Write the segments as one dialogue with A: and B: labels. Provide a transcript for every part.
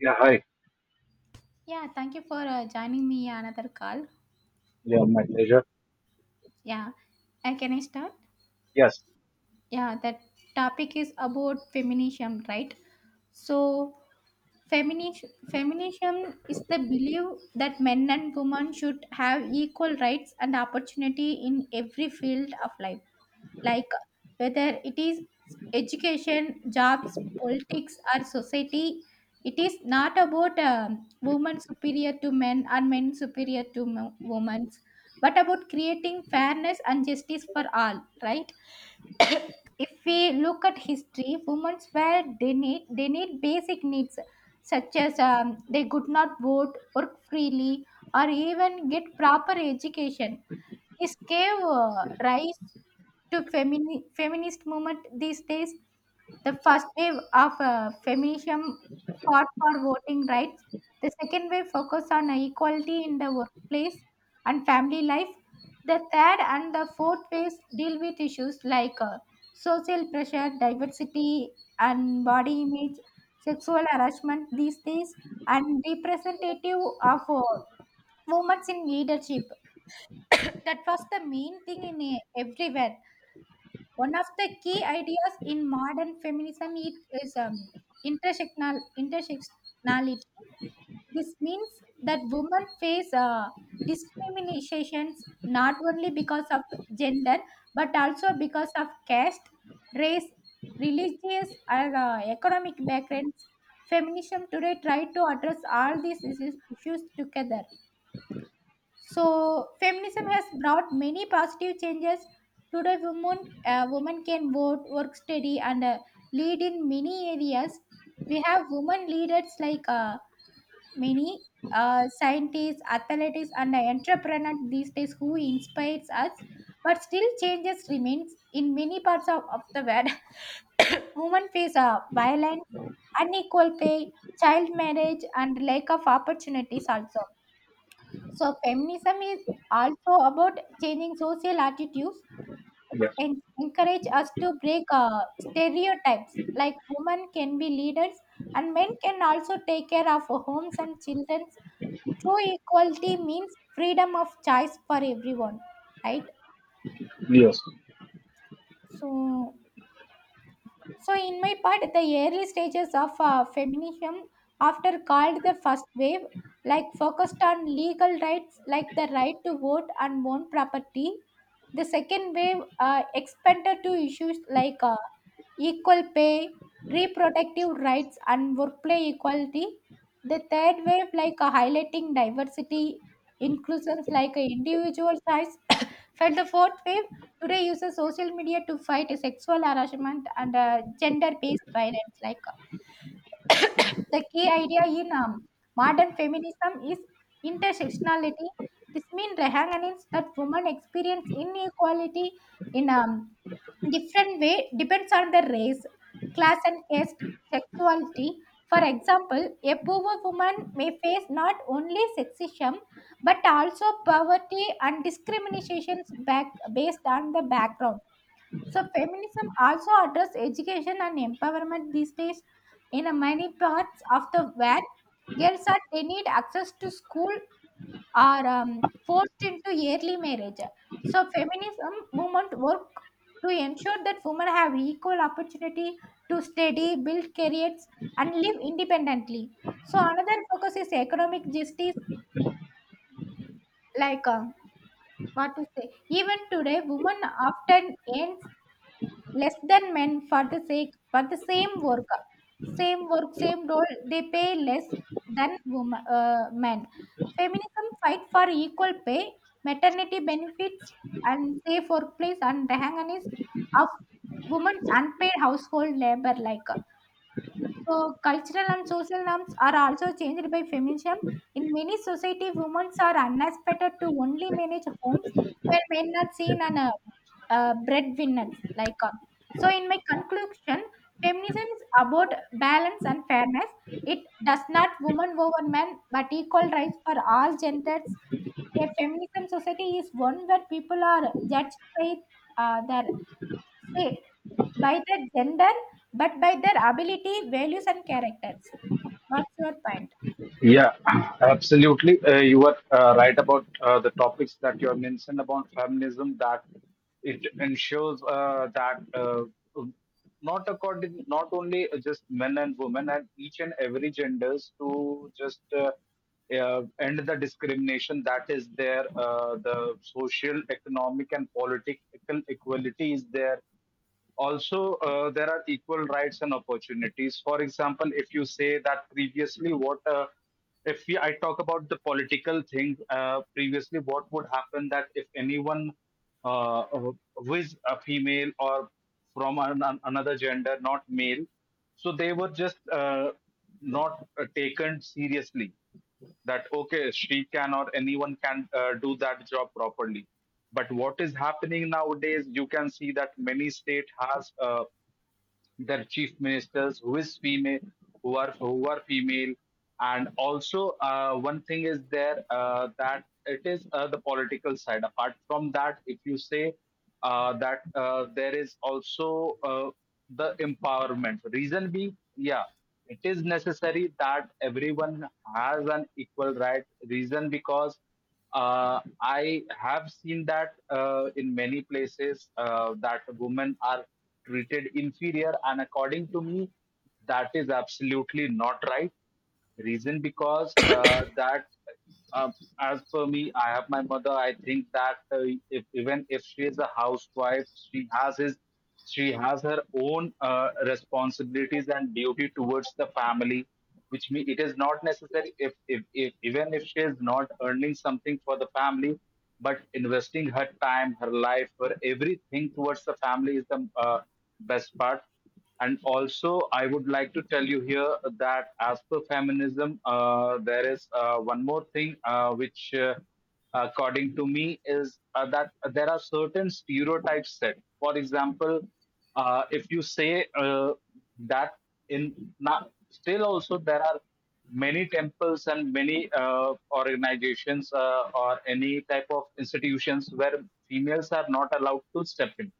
A: Yeah, hi.
B: Yeah, thank you for joining me another call.
A: Yeah, my pleasure.
B: Yeah, can I start?
A: Yes,
B: Yeah, that topic is about feminism, right? So, feminism is the belief that men and women should have equal rights and opportunity in every field of life. Like whether it is education, jobs, politics, or society. It is not about women superior to men or men superior to women, but about creating fairness and justice for all, right? If we look at history, women were they need basic needs such as they could not vote, work freely, or even get proper education. This gave rise to feminist movement these days. The first wave of feminism fought for voting rights. The second wave focused on equality in the workplace and family life. The third and the fourth waves deal with issues like social pressure, diversity, and body image, sexual harassment these days, and representative of women in leadership. That was the main thing in everywhere. One of the key ideas in modern feminism it is intersectionality. This means that women face discriminations not only because of gender but also because of caste, race, religious, or economic backgrounds. Feminism today try to address all these issues together. So feminism has brought many positive changes. Today, women can vote, work study, and lead in many areas. We have women leaders like many scientists, athletes, and entrepreneurs these days who inspires us. But still, changes remains in many parts of the world. Women face violence, unequal pay, child marriage, and lack of opportunities also. So feminism is also about changing social attitudes. It
A: yes,
B: encourage us to break stereotypes like women can be leaders and men can also take care of homes and children. True equality means freedom of choice for everyone, right?
A: yes.
B: So So, in my part, the early stages of feminism, after called the first wave, like focused on legal rights like the right to vote and own property. The second wave expanded to issues like equal pay, reproductive rights, and workplace equality. The third wave, like highlighting diversity, inclusions like individual size. Felt the fourth wave today uses social media to fight sexual harassment and gender-based violence. Like the key idea in modern feminism is intersectionality. This means Rehanganin's that women experience inequality in different way depends on their race, class and caste, sexuality. For example, a poor woman may face not only sexism but also poverty and discriminations back based on the background. So feminism also addresses education and empowerment these days. In many parts of the world, girls are denied access to school or forced into early marriage. So feminism movement work to ensure that women have equal opportunity to study, build careers, and live independently. So another focus is economic justice, like what to say. Even today, women often earns less than men for the same work same role they pay less than woman, men. Feminism fight for equal pay, maternity benefits and safe workplace and the of women's unpaid household labor like. So, cultural and social norms are also changed by feminism. In many society, women are unexpected to only manage homes where men are seen as breadwinners. So in my conclusion, feminism is about balance and fairness. It does not woman over man, but equal rights for all genders. A feminism society is one where people are judged by uh, their Say, by their gender, but by their ability, values, and characters. What's your point?
A: Yeah, absolutely. You are right about the topics that you have mentioned about feminism, that it ensures that not only just men and women and each and every genders to just end the discrimination that is there, the social, economic, and political equality is there also there are equal rights and opportunities. For example, if you say that previously what if we, I talk about the political thing, previously what would happen that if anyone who is a female or from another gender, not male, so they were just not taken seriously, that okay she can or anyone can do that job properly. But what is happening nowadays, you can see that many state has their chief ministers who is female, who are female. And also, one thing is there, that it is, the political side. Apart from that, if you say that there is also the empowerment, reason being, yeah, it is necessary that everyone has an equal right, reason because I have seen that in many places that women are treated inferior, and according to me, that is absolutely not right. Reason because that, uh, as per me, I have my mother. I think that if, even if she is a housewife, she has her own responsibilities and duty towards the family, which means it is not necessary if, even if she is not earning something for the family, but investing her time, her life, her everything towards the family is the best part. And also, I would like to tell you here that as per feminism, there is one more thing, which, according to me, is that there are certain stereotypes set. For example, if you say that in not, still also there are many temples and many organizations or any type of institutions where females are not allowed to step in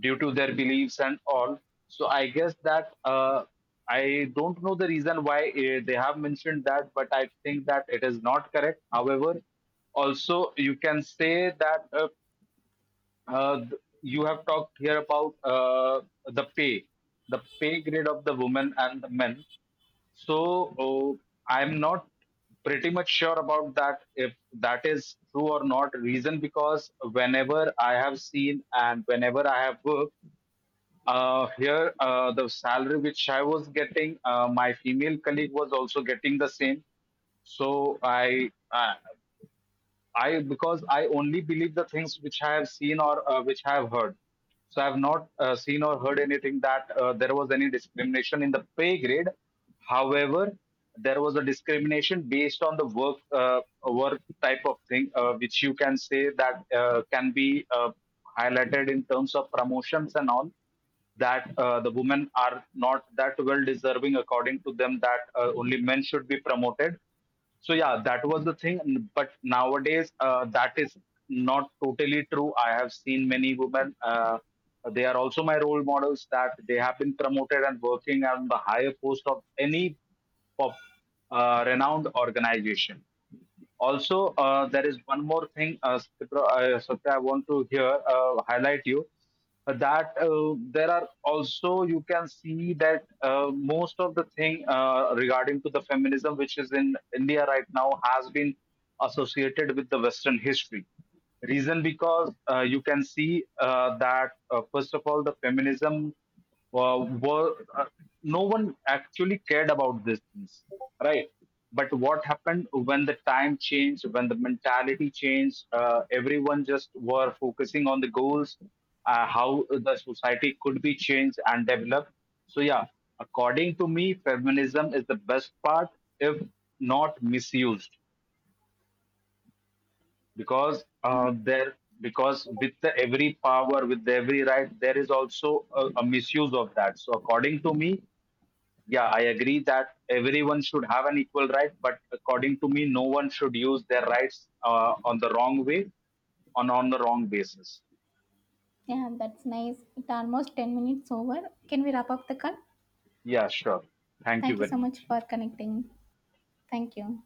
A: due to their beliefs and all. So I guess that, I don't know the reason why they have mentioned that, but I think that it is not correct. However, also you can say that uh, th- you have talked here about the pay grade of the women and the men. So oh, I'm not pretty much sure about that if that is true or not, reason because whenever I have seen and whenever I have worked here, the salary which I was getting, my female colleague was also getting the same. So I, uh, I, because I only believe the things which I have seen or which I have heard. So I have not seen or heard anything that there was any discrimination in the pay grade. However, there was a discrimination based on the work, type of thing, which you can say that can be highlighted in terms of promotions and all, that the women are not that well deserving, according to them, that only men should be promoted. So yeah, that was the thing. But nowadays, that is not totally true. I have seen many women. They are also my role models, that they have been promoted and working on the higher post of any pop, renowned organization. Also, there is one more thing, Sitra, Satya, I want to here highlight you. That there are also, you can see that most of the thing regarding to the feminism which is in India right now has been associated with the western history, reason because you can see that first of all, the feminism were no one actually cared about these things, right? But what happened when the time changed, when the mentality changed, everyone just were focusing on the goals, how the society could be changed and developed. So yeah, according to me, feminism is the best part if not misused, because
B: Yeah,
A: there because with the every power, with every right, there is also a misuse of that. So according to me, yeah, I agree that everyone should have an equal right, but according to me, no one should use their rights on the wrong way, on the wrong basis.
B: yeah, that's nice. It's almost 10 minutes over. Can we wrap up the call?
A: Yeah, sure. Thank you
B: Thank you so
A: very
B: much
A: much.
B: for connecting. Thank you.